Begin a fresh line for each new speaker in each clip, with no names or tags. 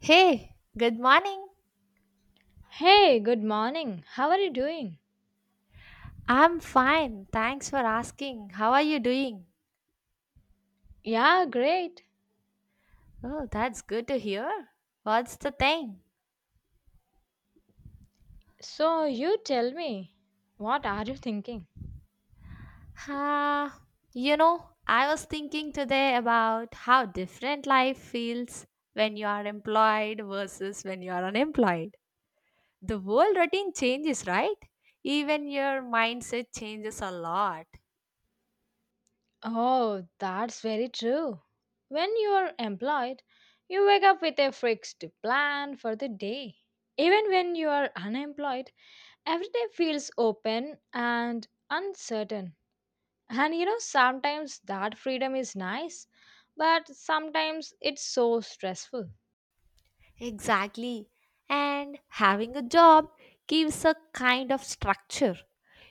Hey, good morning.
Hey, good morning. How are you doing?
I'm fine. Thanks for asking. How are you doing?
Yeah, great.
Oh, that's good to hear. What's the thing?
So, you tell me, what are you thinking?
Uh, I was thinking today about how different life feels when you are employed versus when you are unemployed. The whole routine changes, right? Even your mindset changes a lot.
Oh, that's very true. When you are employed, you wake up with a fixed plan for the day. Even when you are unemployed, every day feels open and uncertain. And sometimes that freedom is nice, but sometimes it's so stressful.
Exactly. And having a job gives a kind of structure.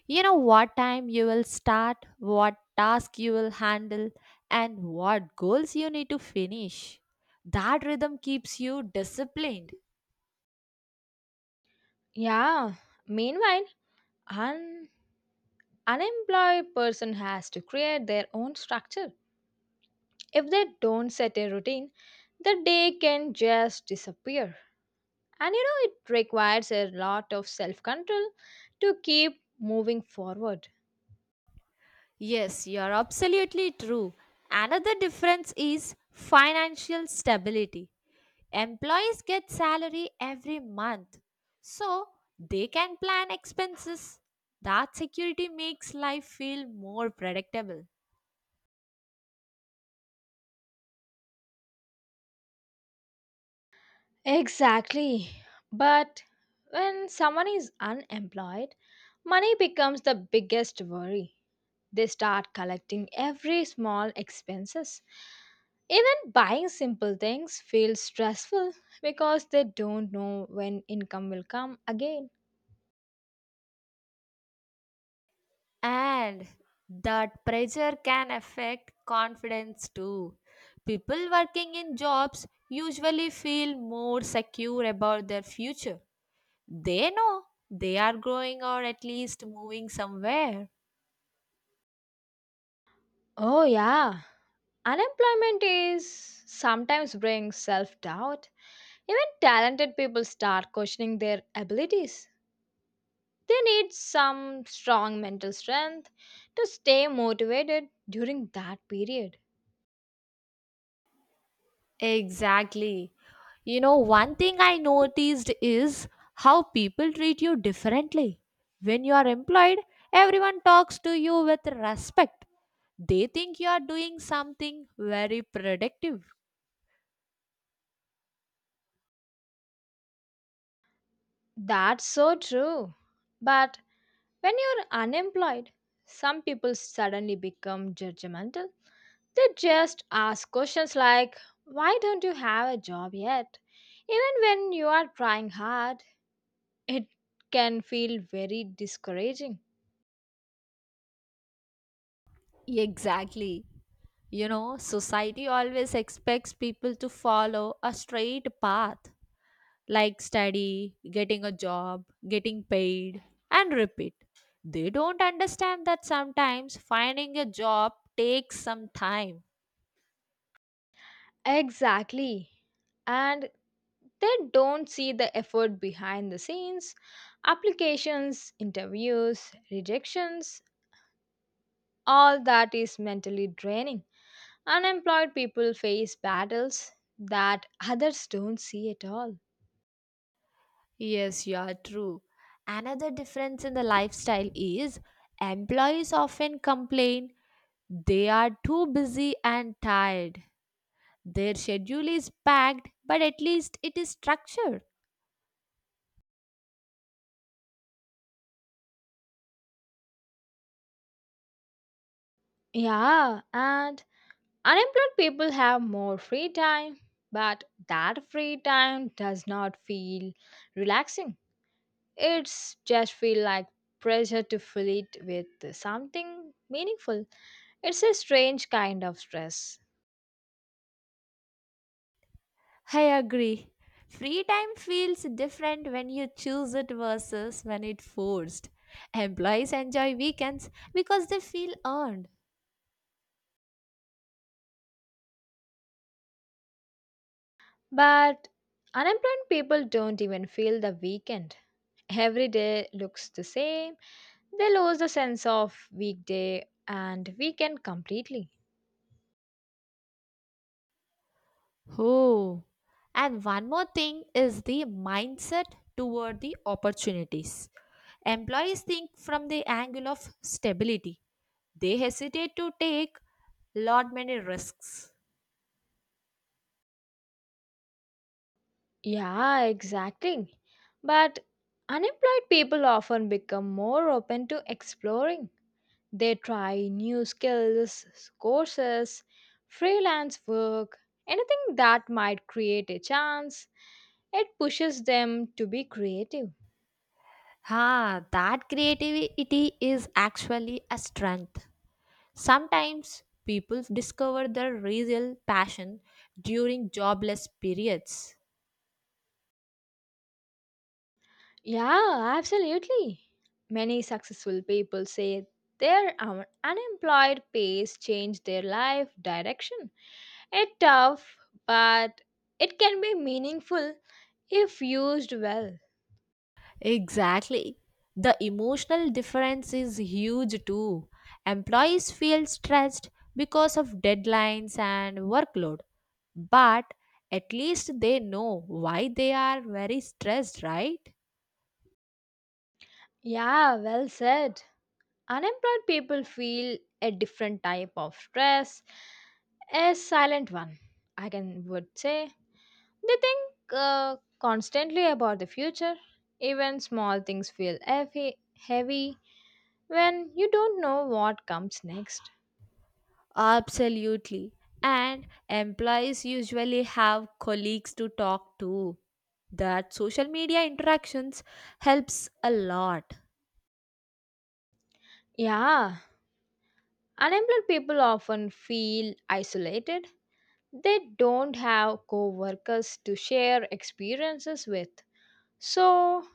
You know what time you will start, what task you will handle, and what goals you need to finish. That rhythm keeps you disciplined.
Yeah, meanwhile, unemployed person has to create their own structure. If they don't set a routine, the day can just disappear, and it requires a lot of self control to keep moving forward.
Yes, you're absolutely true. Another difference is financial stability. Employees get salary every month, so they can plan expenses. That security makes life feel more predictable.
Exactly. But when someone is unemployed, money becomes the biggest worry. They start collecting every small expenses. Even buying simple things feels stressful because they don't know when income will come again.
And that pressure can affect confidence too. People working in jobs usually feel more secure about their future. They know they are growing or at least moving somewhere.
Oh yeah, unemployment is sometimes brings self doubt. Even talented people start questioning their abilities. They need some strong mental strength to stay motivated during that period.
Exactly. One thing I noticed is how people treat you differently. When you are employed, everyone talks to you with respect. They think you are doing something very productive.
That's so true. But when you're unemployed, some people suddenly become judgmental. They just ask questions like, why don't you have a job yet? Even when you are trying hard, it can feel very discouraging.
Exactly. Society always expects people to follow a straight path. Like study, getting a job, getting paid, and repeat. They don't understand that sometimes finding a job takes some time.
Exactly. And they don't see the effort behind the scenes, applications, interviews, rejections, all that is mentally draining. Unemployed people face battles that others don't see at all.
Yes, you are true. Another difference in the lifestyle is employees often complain they are too busy and tired. Their schedule is packed, but at least it is structured.
Yeah, and unemployed people have more free time, but that free time does not feel relaxing. It's just feel like pressure to fill it with something meaningful. It's a strange kind of stress.
I agree. Free time feels different when you choose it versus when it's forced. Employees enjoy weekends because they feel earned.
But unemployed people don't even feel the weekend. Every day looks the same. They lose the sense of weekday and weekend completely.
Oh. And one more thing is the mindset toward the opportunities. Employees think from the angle of stability. They hesitate to take lot many risks.
Yeah, exactly. But unemployed people often become more open to exploring. They try new skills, courses, freelance work, anything that might create a chance. It pushes them to be creative.
Ha, that creativity is actually a strength. Sometimes people discover their real passion during jobless periods.
Yeah, absolutely. Many successful people say their unemployed pace changed their life direction. It's tough, but it can be meaningful if used well.
Exactly. The emotional difference is huge too. Employees feel stressed because of deadlines and workload, but at least they know why they are very stressed, right?
Yeah, well said. Unemployed people feel a different type of stress, a silent one, I can would say. They think constantly about the future. Even small things feel heavy, heavy when you don't know what comes next.
Absolutely. And employees usually have colleagues to talk to. That social media interactions helps a lot.
Yeah, unemployed people often feel isolated. They don't have co-workers to share experiences with, so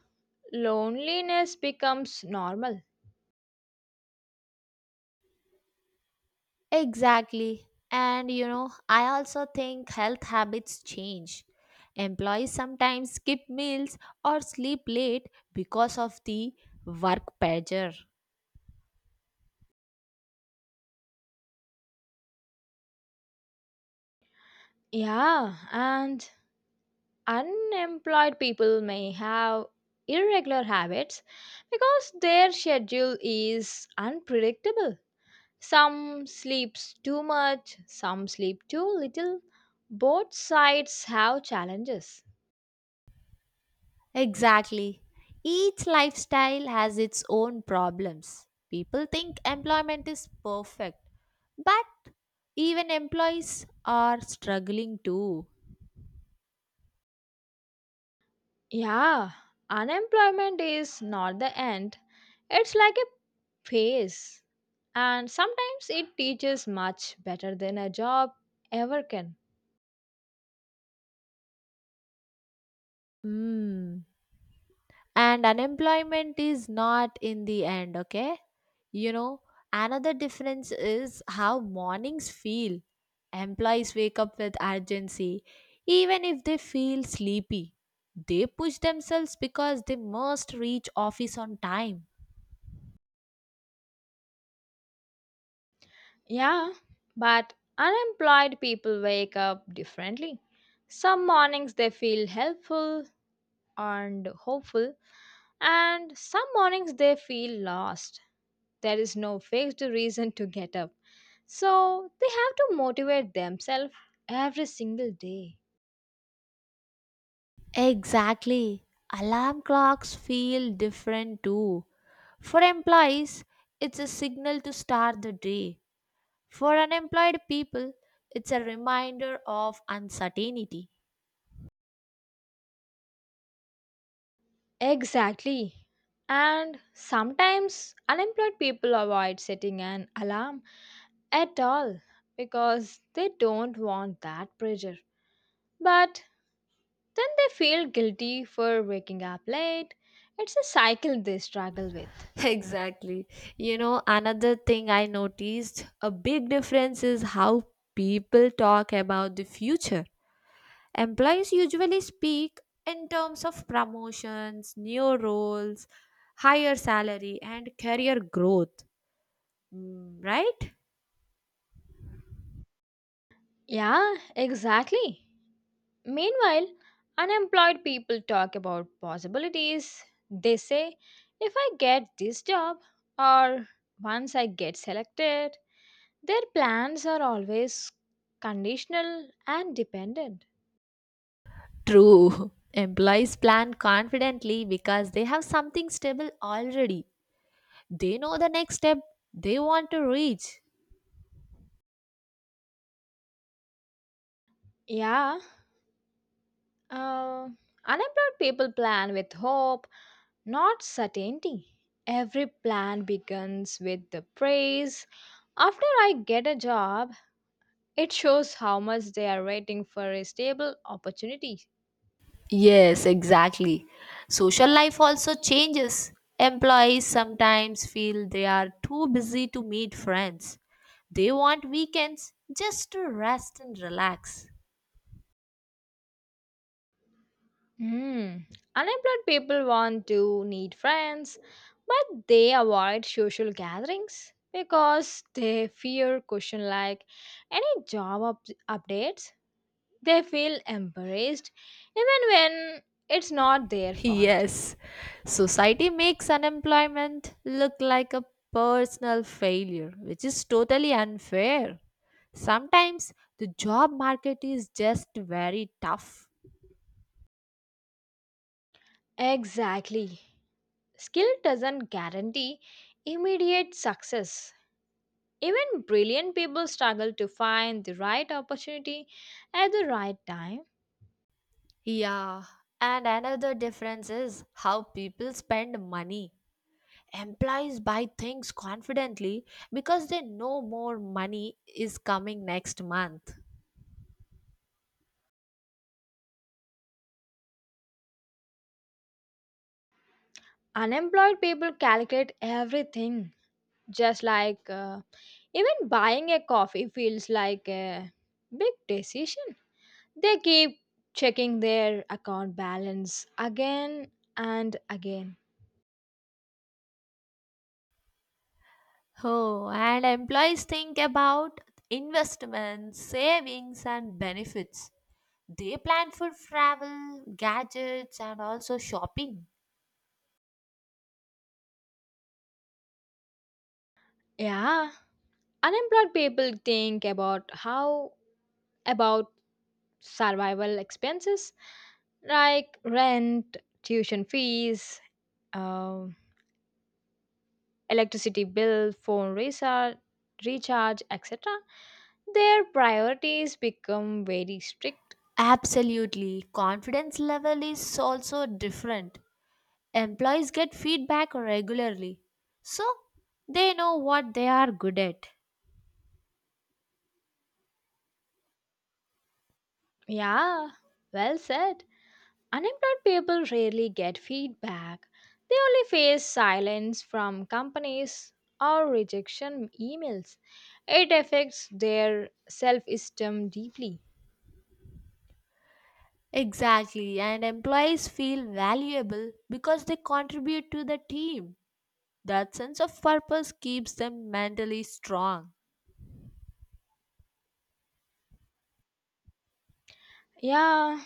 loneliness becomes normal.
Exactly. And I also think health habits change. Employees sometimes skip meals or sleep late because of the work pressure.
Yeah, and unemployed people may have irregular habits because their schedule is unpredictable. Some sleeps too much, some sleep too little. Both sides have challenges.
Exactly. Each lifestyle has its own problems. People think employment is perfect, but even employees are struggling too.
Yeah, unemployment is not the end, it's like a phase, and sometimes it teaches much better than a job ever can.
Hmm. And unemployment is not in the end, okay? you know Another difference is how mornings feel. Employees wake up with urgency. Even if they feel sleepy, they push themselves because they must reach office on time.
Yeah, but unemployed people wake up differently. Some mornings they feel helpful and hopeful, and some mornings they feel lost. There is no fixed reason to get up, so they have to motivate themselves every single day.
Exactly. Alarm clocks feel different too. For employees, it's a signal to start the day. For unemployed people, it's a reminder of uncertainty.
Exactly. And sometimes unemployed people avoid setting an alarm at all because they don't want that pressure. But then they feel guilty for waking up late. It's a cycle they struggle with.
Exactly. Another thing I noticed a big difference is how people talk about the future. Employees usually speak in terms of promotions, new roles, higher salary, and career growth. Mm, right?
Yeah, exactly. Meanwhile, unemployed people talk about possibilities. They say, if I get this job, or once I get selected. Their plans are always conditional and dependent.
True. Employees plan confidently because they have something stable already. They know the next step they want to reach.
Yeah, uh, unemployed people plan with hope, not certainty. Every plan begins with the praise. After I get a job, it shows how much they are waiting for a stable opportunity.
Yes, exactly. Social life also changes. Employees sometimes feel they are too busy to meet friends. They want weekends just to rest and relax.
Hmm. Unemployed people want to need friends, but they avoid social gatherings because they fear question like any job updates. They feel embarrassed even when it's not their fault.
Yes, society makes unemployment look like a personal failure, which is totally unfair. Sometimes the job market is just very tough.
Exactly. Skill doesn't guarantee immediate success. Even brilliant people struggle to find the right opportunity at the right time.
Yeah, and another difference is how people spend money. Employees buy things confidently because they know more money is coming next month.
Unemployed people calculate everything just like, even buying a coffee feels like a big decision. They keep checking their account balance again and again.
Oh, and employees think about investments, savings, and benefits. They plan for travel, gadgets, and also shopping.
Yeah, unemployed people think about survival expenses like rent, tuition fees, um, electricity bill, phone recharge, etc. Their priorities become very strict.
Absolutely, confidence level is also different. Employees get feedback regularly, so they know what they are good at.
Yeah, well said. Unemployed people rarely get feedback. They only face silence from companies or rejection emails. It affects their self esteem deeply.
Exactly, and employees feel valuable because they contribute to the team. That sense of purpose keeps them mentally strong.
Yeah,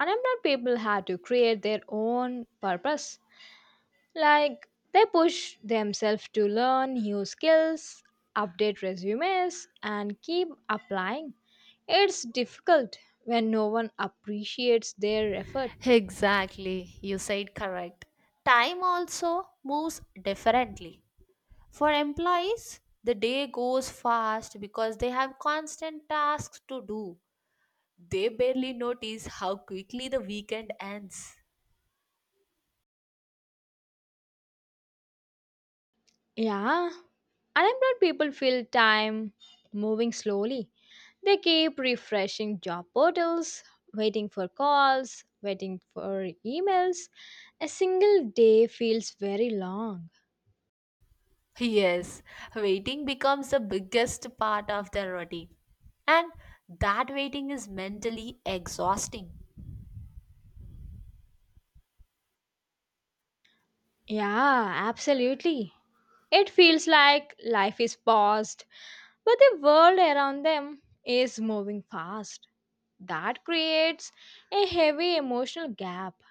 unemployed people have to create their own purpose. Like, they push themselves to learn new skills, update resumes, and keep applying. It's difficult when no one appreciates their effort.
Exactly, you said correct. Time also moves differently. For employees, the day goes fast because they have constant tasks to do. They barely notice how quickly the weekend ends.
Yeah, unemployed people feel time moving slowly. They keep refreshing job portals, waiting for calls, waiting for emails. A single day feels very long.
Yes, waiting becomes the biggest part of the routine. And that waiting is mentally exhausting.
Yeah, absolutely. It feels like life is paused, but the world around them is moving fast. That creates a heavy emotional gap.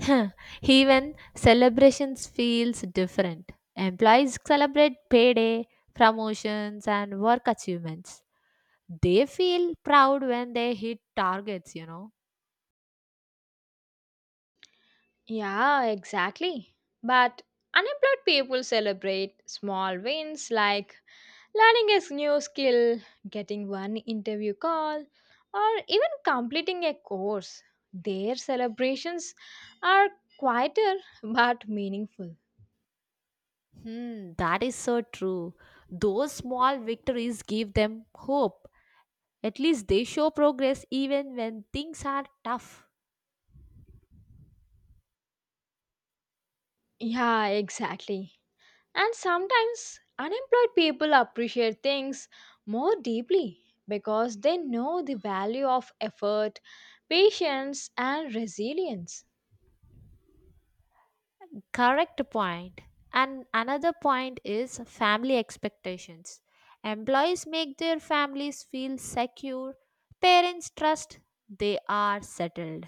Huh, even celebrations feels different. Employees celebrate payday, promotions and work achievements. They feel proud when they hit targets,
Yeah, exactly. But unemployed people celebrate small wins like learning a new skill, getting one interview call, or even completing a course. Their celebrations are quieter but meaningful.
Hmm, that is so true. Those small victories give them hope. At least they show progress even when things are tough.
Yeah, exactly. And sometimes unemployed people appreciate things more deeply because they know the value of effort, patience, and resilience.
Correct point. And another point is family expectations. Employees make their families feel secure, parents trust they are settled.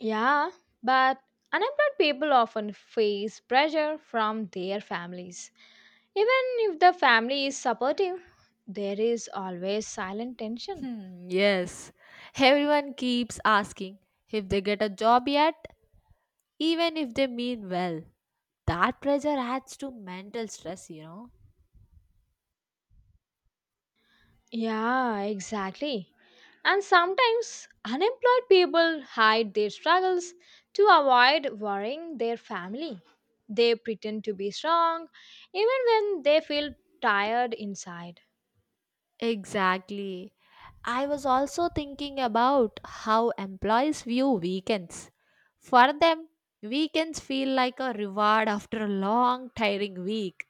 Yeah, but unemployed people often face pressure from their families. Even if the family is supportive, there is always silent tension.
Hmm, yes. Everyone keeps asking if they get a job yet, even if they mean well. That pressure adds to mental stress,
Yeah, exactly. And sometimes unemployed people hide their struggles to avoid worrying their family. They pretend to be strong even when they feel tired inside.
Exactly. I was also thinking about how employees view weekends. For them, weekends feel like a reward after a long, tiring week.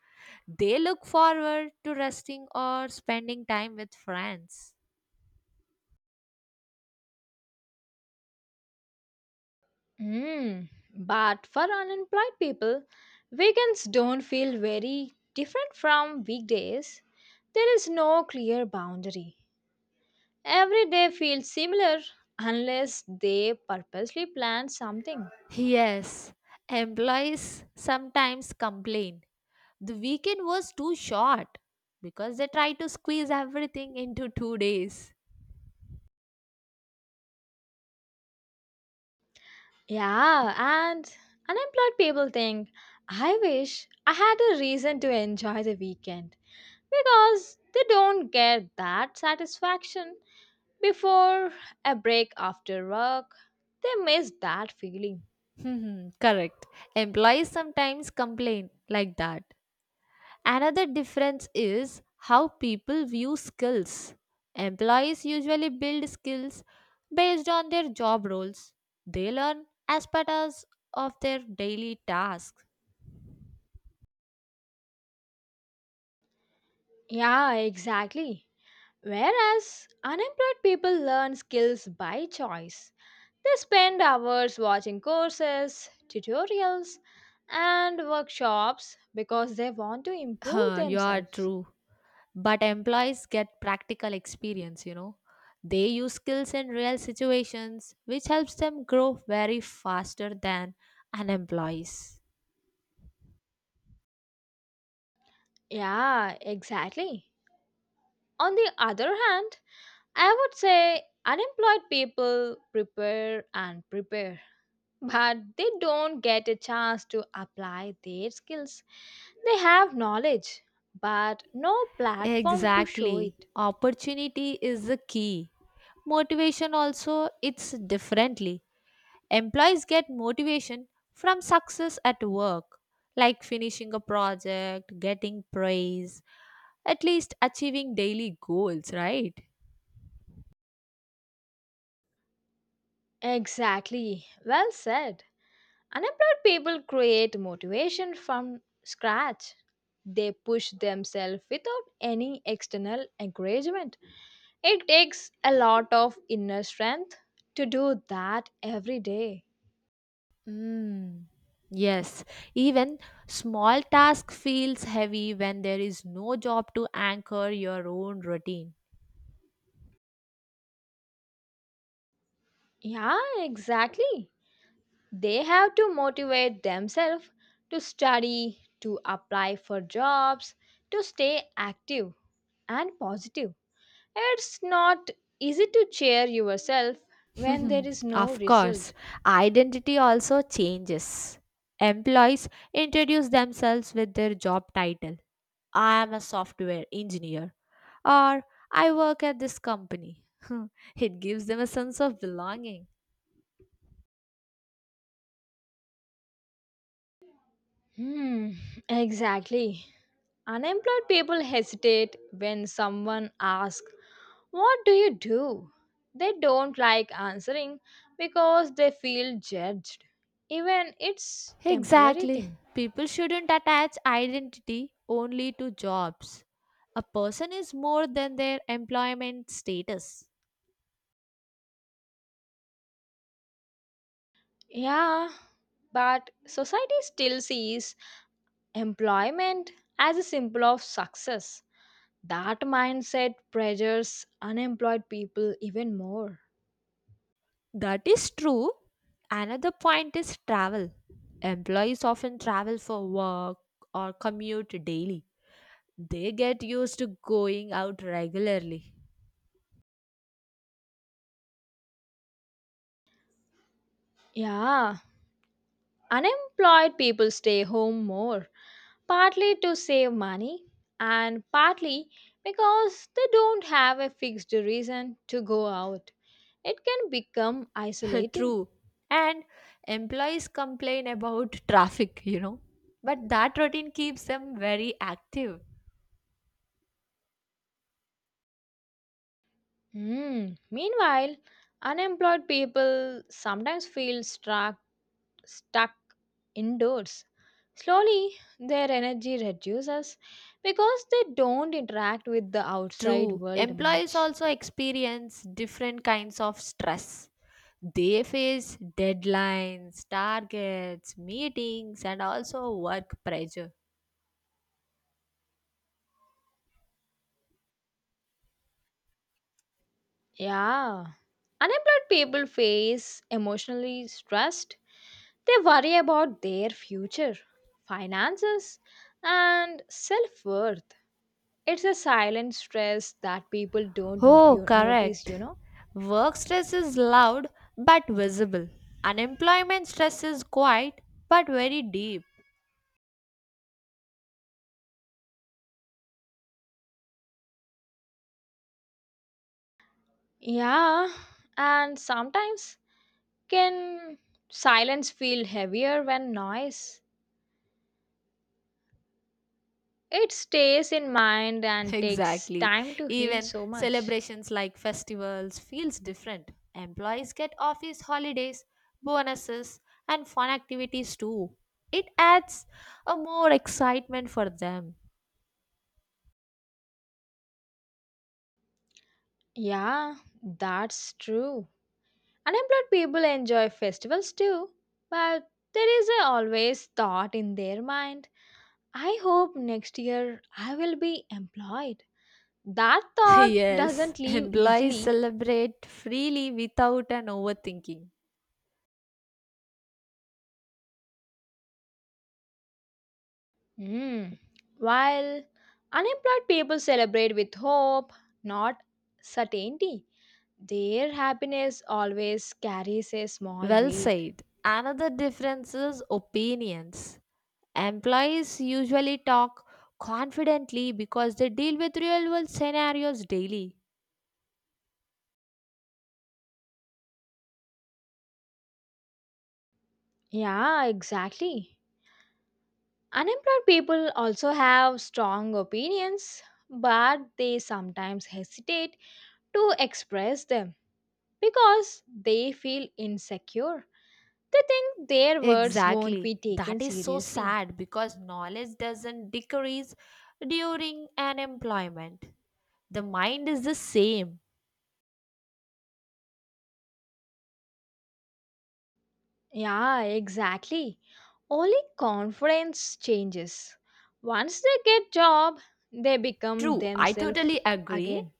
They look forward to resting or spending time with friends.
Mm. But for unemployed people, weekends don't feel very different from weekdays. There is no clear boundary. Every day feels similar unless they purposely plan something.
Yes, employees sometimes complain the weekend was too short because they try to squeeze everything into 2 days.
Yeah, and unemployed people think, I wish I had a reason to enjoy the weekend, because they don't get that satisfaction before a break after work. They miss that feeling.
Hmm, correct. Employees sometimes complain like that. Another difference is how people view skills. Employees usually build skills based on their job roles. They learn as part as of their daily tasks.
Yeah, exactly. Whereas unemployed people learn skills by choice. They spend hours watching courses, tutorials, and workshops because they want to improve
Huh, you are
themselves.
true. But employees get practical experience, They use skills in real situations, which helps them grow very faster than unemployees.
Yeah, exactly. On the other hand, I would say unemployed people prepare and prepare, but they don't get a chance to apply their skills. They have knowledge, but no platform to show
Exactly.
it.
Opportunity is the key. Motivation also it's differently. Employees get motivation from success at work, like finishing a project, getting praise, at least achieving daily goals, right?
Exactly. Well said. Unemployed people create motivation from scratch. They push themselves without any external encouragement. It takes a lot of inner strength to do that every day.
Mm. Yes, even small task feels heavy when there is no job to anchor your own routine.
Yeah, exactly. They have to motivate themselves to study, to apply for jobs, to stay active and positive. It's not easy to cheer yourself when there
Mhm.
is no
Of course,
result.
identity also changes. Employees introduce themselves with their job title. I am a software engineer or I work at this company. It gives them a sense of belonging.
Hmm, exactly. Unemployed people hesitate when someone asks, what do you do? They don't like answering because they feel judged, even it's temporary
Exactly.
thing.
People shouldn't attach identity only to jobs. A person is more than their employment status.
Yeah, but society still sees employment as a symbol of success. That mindset pressures unemployed people even more.
That is true. Another point is travel. Employees often travel for work or commute daily. They get used to going out regularly.
Yeah, unemployed people stay home more, partly to save money and partly because they don't have a fixed reason to go out. It can become isolating.
True. And employees complain about traffic, But that routine keeps them very active.
Hmm. Meanwhile, unemployed people sometimes feel stuck indoors. Slowly, their energy reduces because they don't interact with the outside
True.
world
Employees
much.
also experience different kinds of stress. They face deadlines, targets, meetings, and also work pressure.
Yeah. Unemployed people face emotionally stressed. They worry about their future, finances, and self worth. It's a silent stress that people don't
Oh,
you notice,
correct.
you know?
Work stress is loud but visible. Unemployment stress is quiet but very deep.
Yeah, and sometimes can silence feel heavier when noise? It stays in mind and takes
Exactly.
time to heal
Even
so much.
celebrations like festivals feels different. Employees get office holidays, bonuses and fun activities too. It adds a more excitement for them.
Yeah, that's true. Unemployed people enjoy festivals too, but there is a always thought in their mind: I hope next year I will be employed. That thought
Yes,
doesn't leave
employees
easily.
celebrate freely without an overthinking.
Hmm. While unemployed people celebrate with hope, not certainty, their happiness always carries a small
Well
weight.
said. Another difference is opinions. Employees usually talk confidently because they deal with real world scenarios daily.
Yeah, exactly. Unemployed people also have strong opinions, but they sometimes hesitate to express them because they feel insecure. They think their words won't
Exactly.
be
That
taken
is so
seriously.
sad because knowledge doesn't decrease during an employment. The mind is the same.
Yeah, exactly. Only confidence changes. Once they get job, they become
True, I
themselves
totally agree.
again.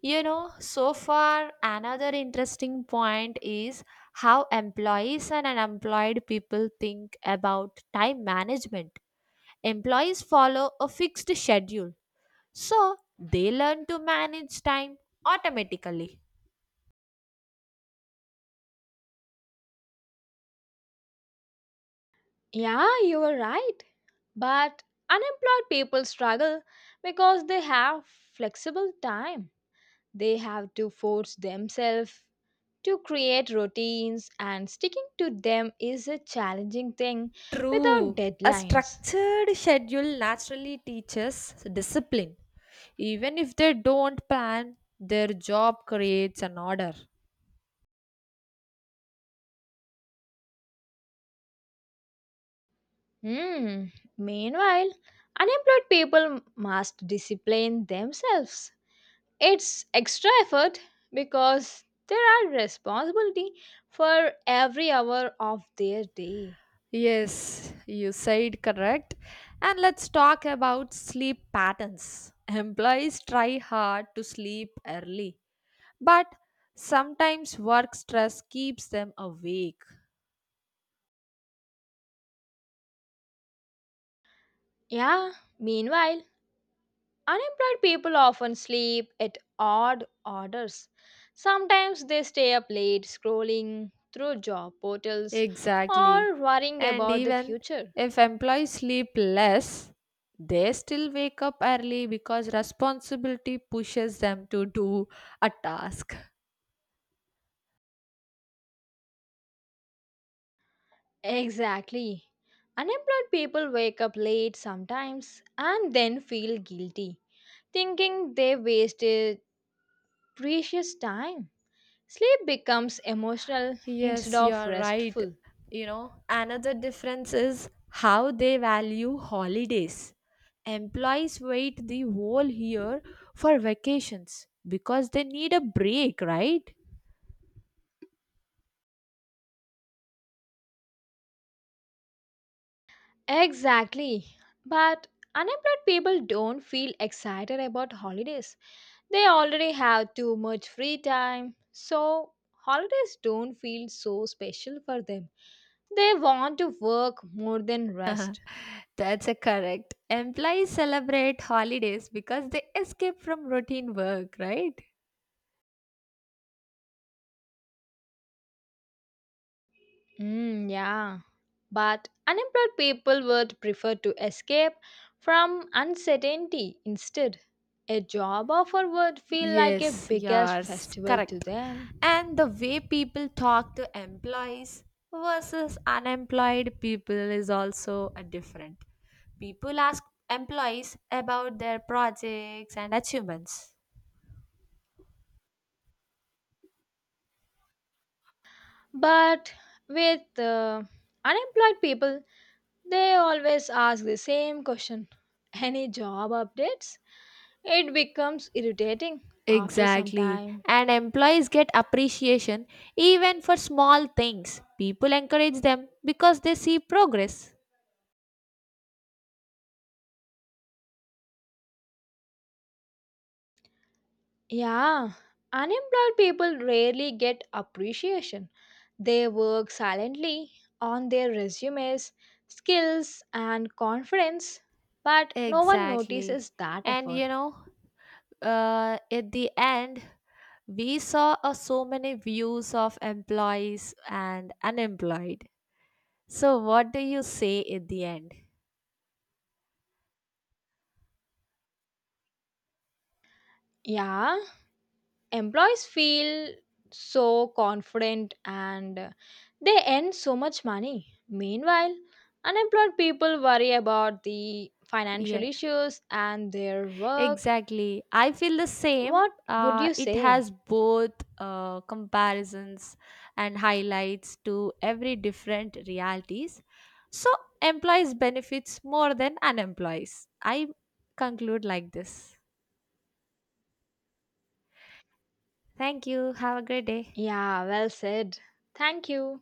So far, another interesting point is how employees and unemployed people think about time management. Employees follow a fixed schedule, so they learn to manage time automatically.
Yeah, you are right. But unemployed people struggle because they have flexible time. They have to force themselves to create routines and sticking to them is a challenging thing without
True. A
deadlines.
structured schedule naturally teaches discipline. Even if they don't plan, their job creates an order.
Hmm. Meanwhile, unemployed people must discipline themselves. It's extra effort because there are responsibility for every hour of their day.
Yes, you said correct. And let's talk about sleep patterns. Employees try hard to sleep early, but sometimes work stress keeps them awake.
Yeah, meanwhile, unemployed people often sleep at odd hours. Sometimes they stay up late scrolling through job portals
Exactly.
or worrying
And
about the
even
future.
if employees sleep less, they still wake up early because responsibility pushes them to do a task.
Exactly. Unemployed people wake up late sometimes and then feel guilty, thinking they wasted precious time. Sleep becomes emotional instead
Yes,
of
you're right.
restful.
Another difference is how they value holidays. Employees wait the whole year for vacations because they need a break, right?
Exactly. But unemployed people don't feel excited about holidays. They already have too much free time, so holidays don't feel so special for them. They want to work more than rest.
That's a correct. Employees celebrate holidays because they escape from routine work, right?
Mm, yeah. But unemployed people would prefer to escape from uncertainty instead. A job offer would feel like a
Yes,
biggest
yes,
festival to
correct.
them.
And the way people talk to employees versus unemployed people is also a different. People ask employees about their projects and achievements.
But with unemployed people, they always ask the same question, any job updates? It becomes irritating after some
Exactly.
time.
And employees get appreciation even for small things. People encourage them because they see progress.
Yeah, unemployed people rarely get appreciation. They work silently on their resumes, skills, and confidence, but no one
Exactly.
notices that
And
effort.
at the end, we saw so many views of employees and unemployed. So, what do you say at the end?
Yeah, employees feel so confident and they earn so much money. Meanwhile, unemployed people worry about the financial
Yeah,
issues and their work.
exactly. I feel the same.
What would you
It
say?
has both comparisons and highlights to every different realities. So, employees benefits more than unemployees. I conclude like this. Thank you. Have a great day.
Yeah, well said. Thank you.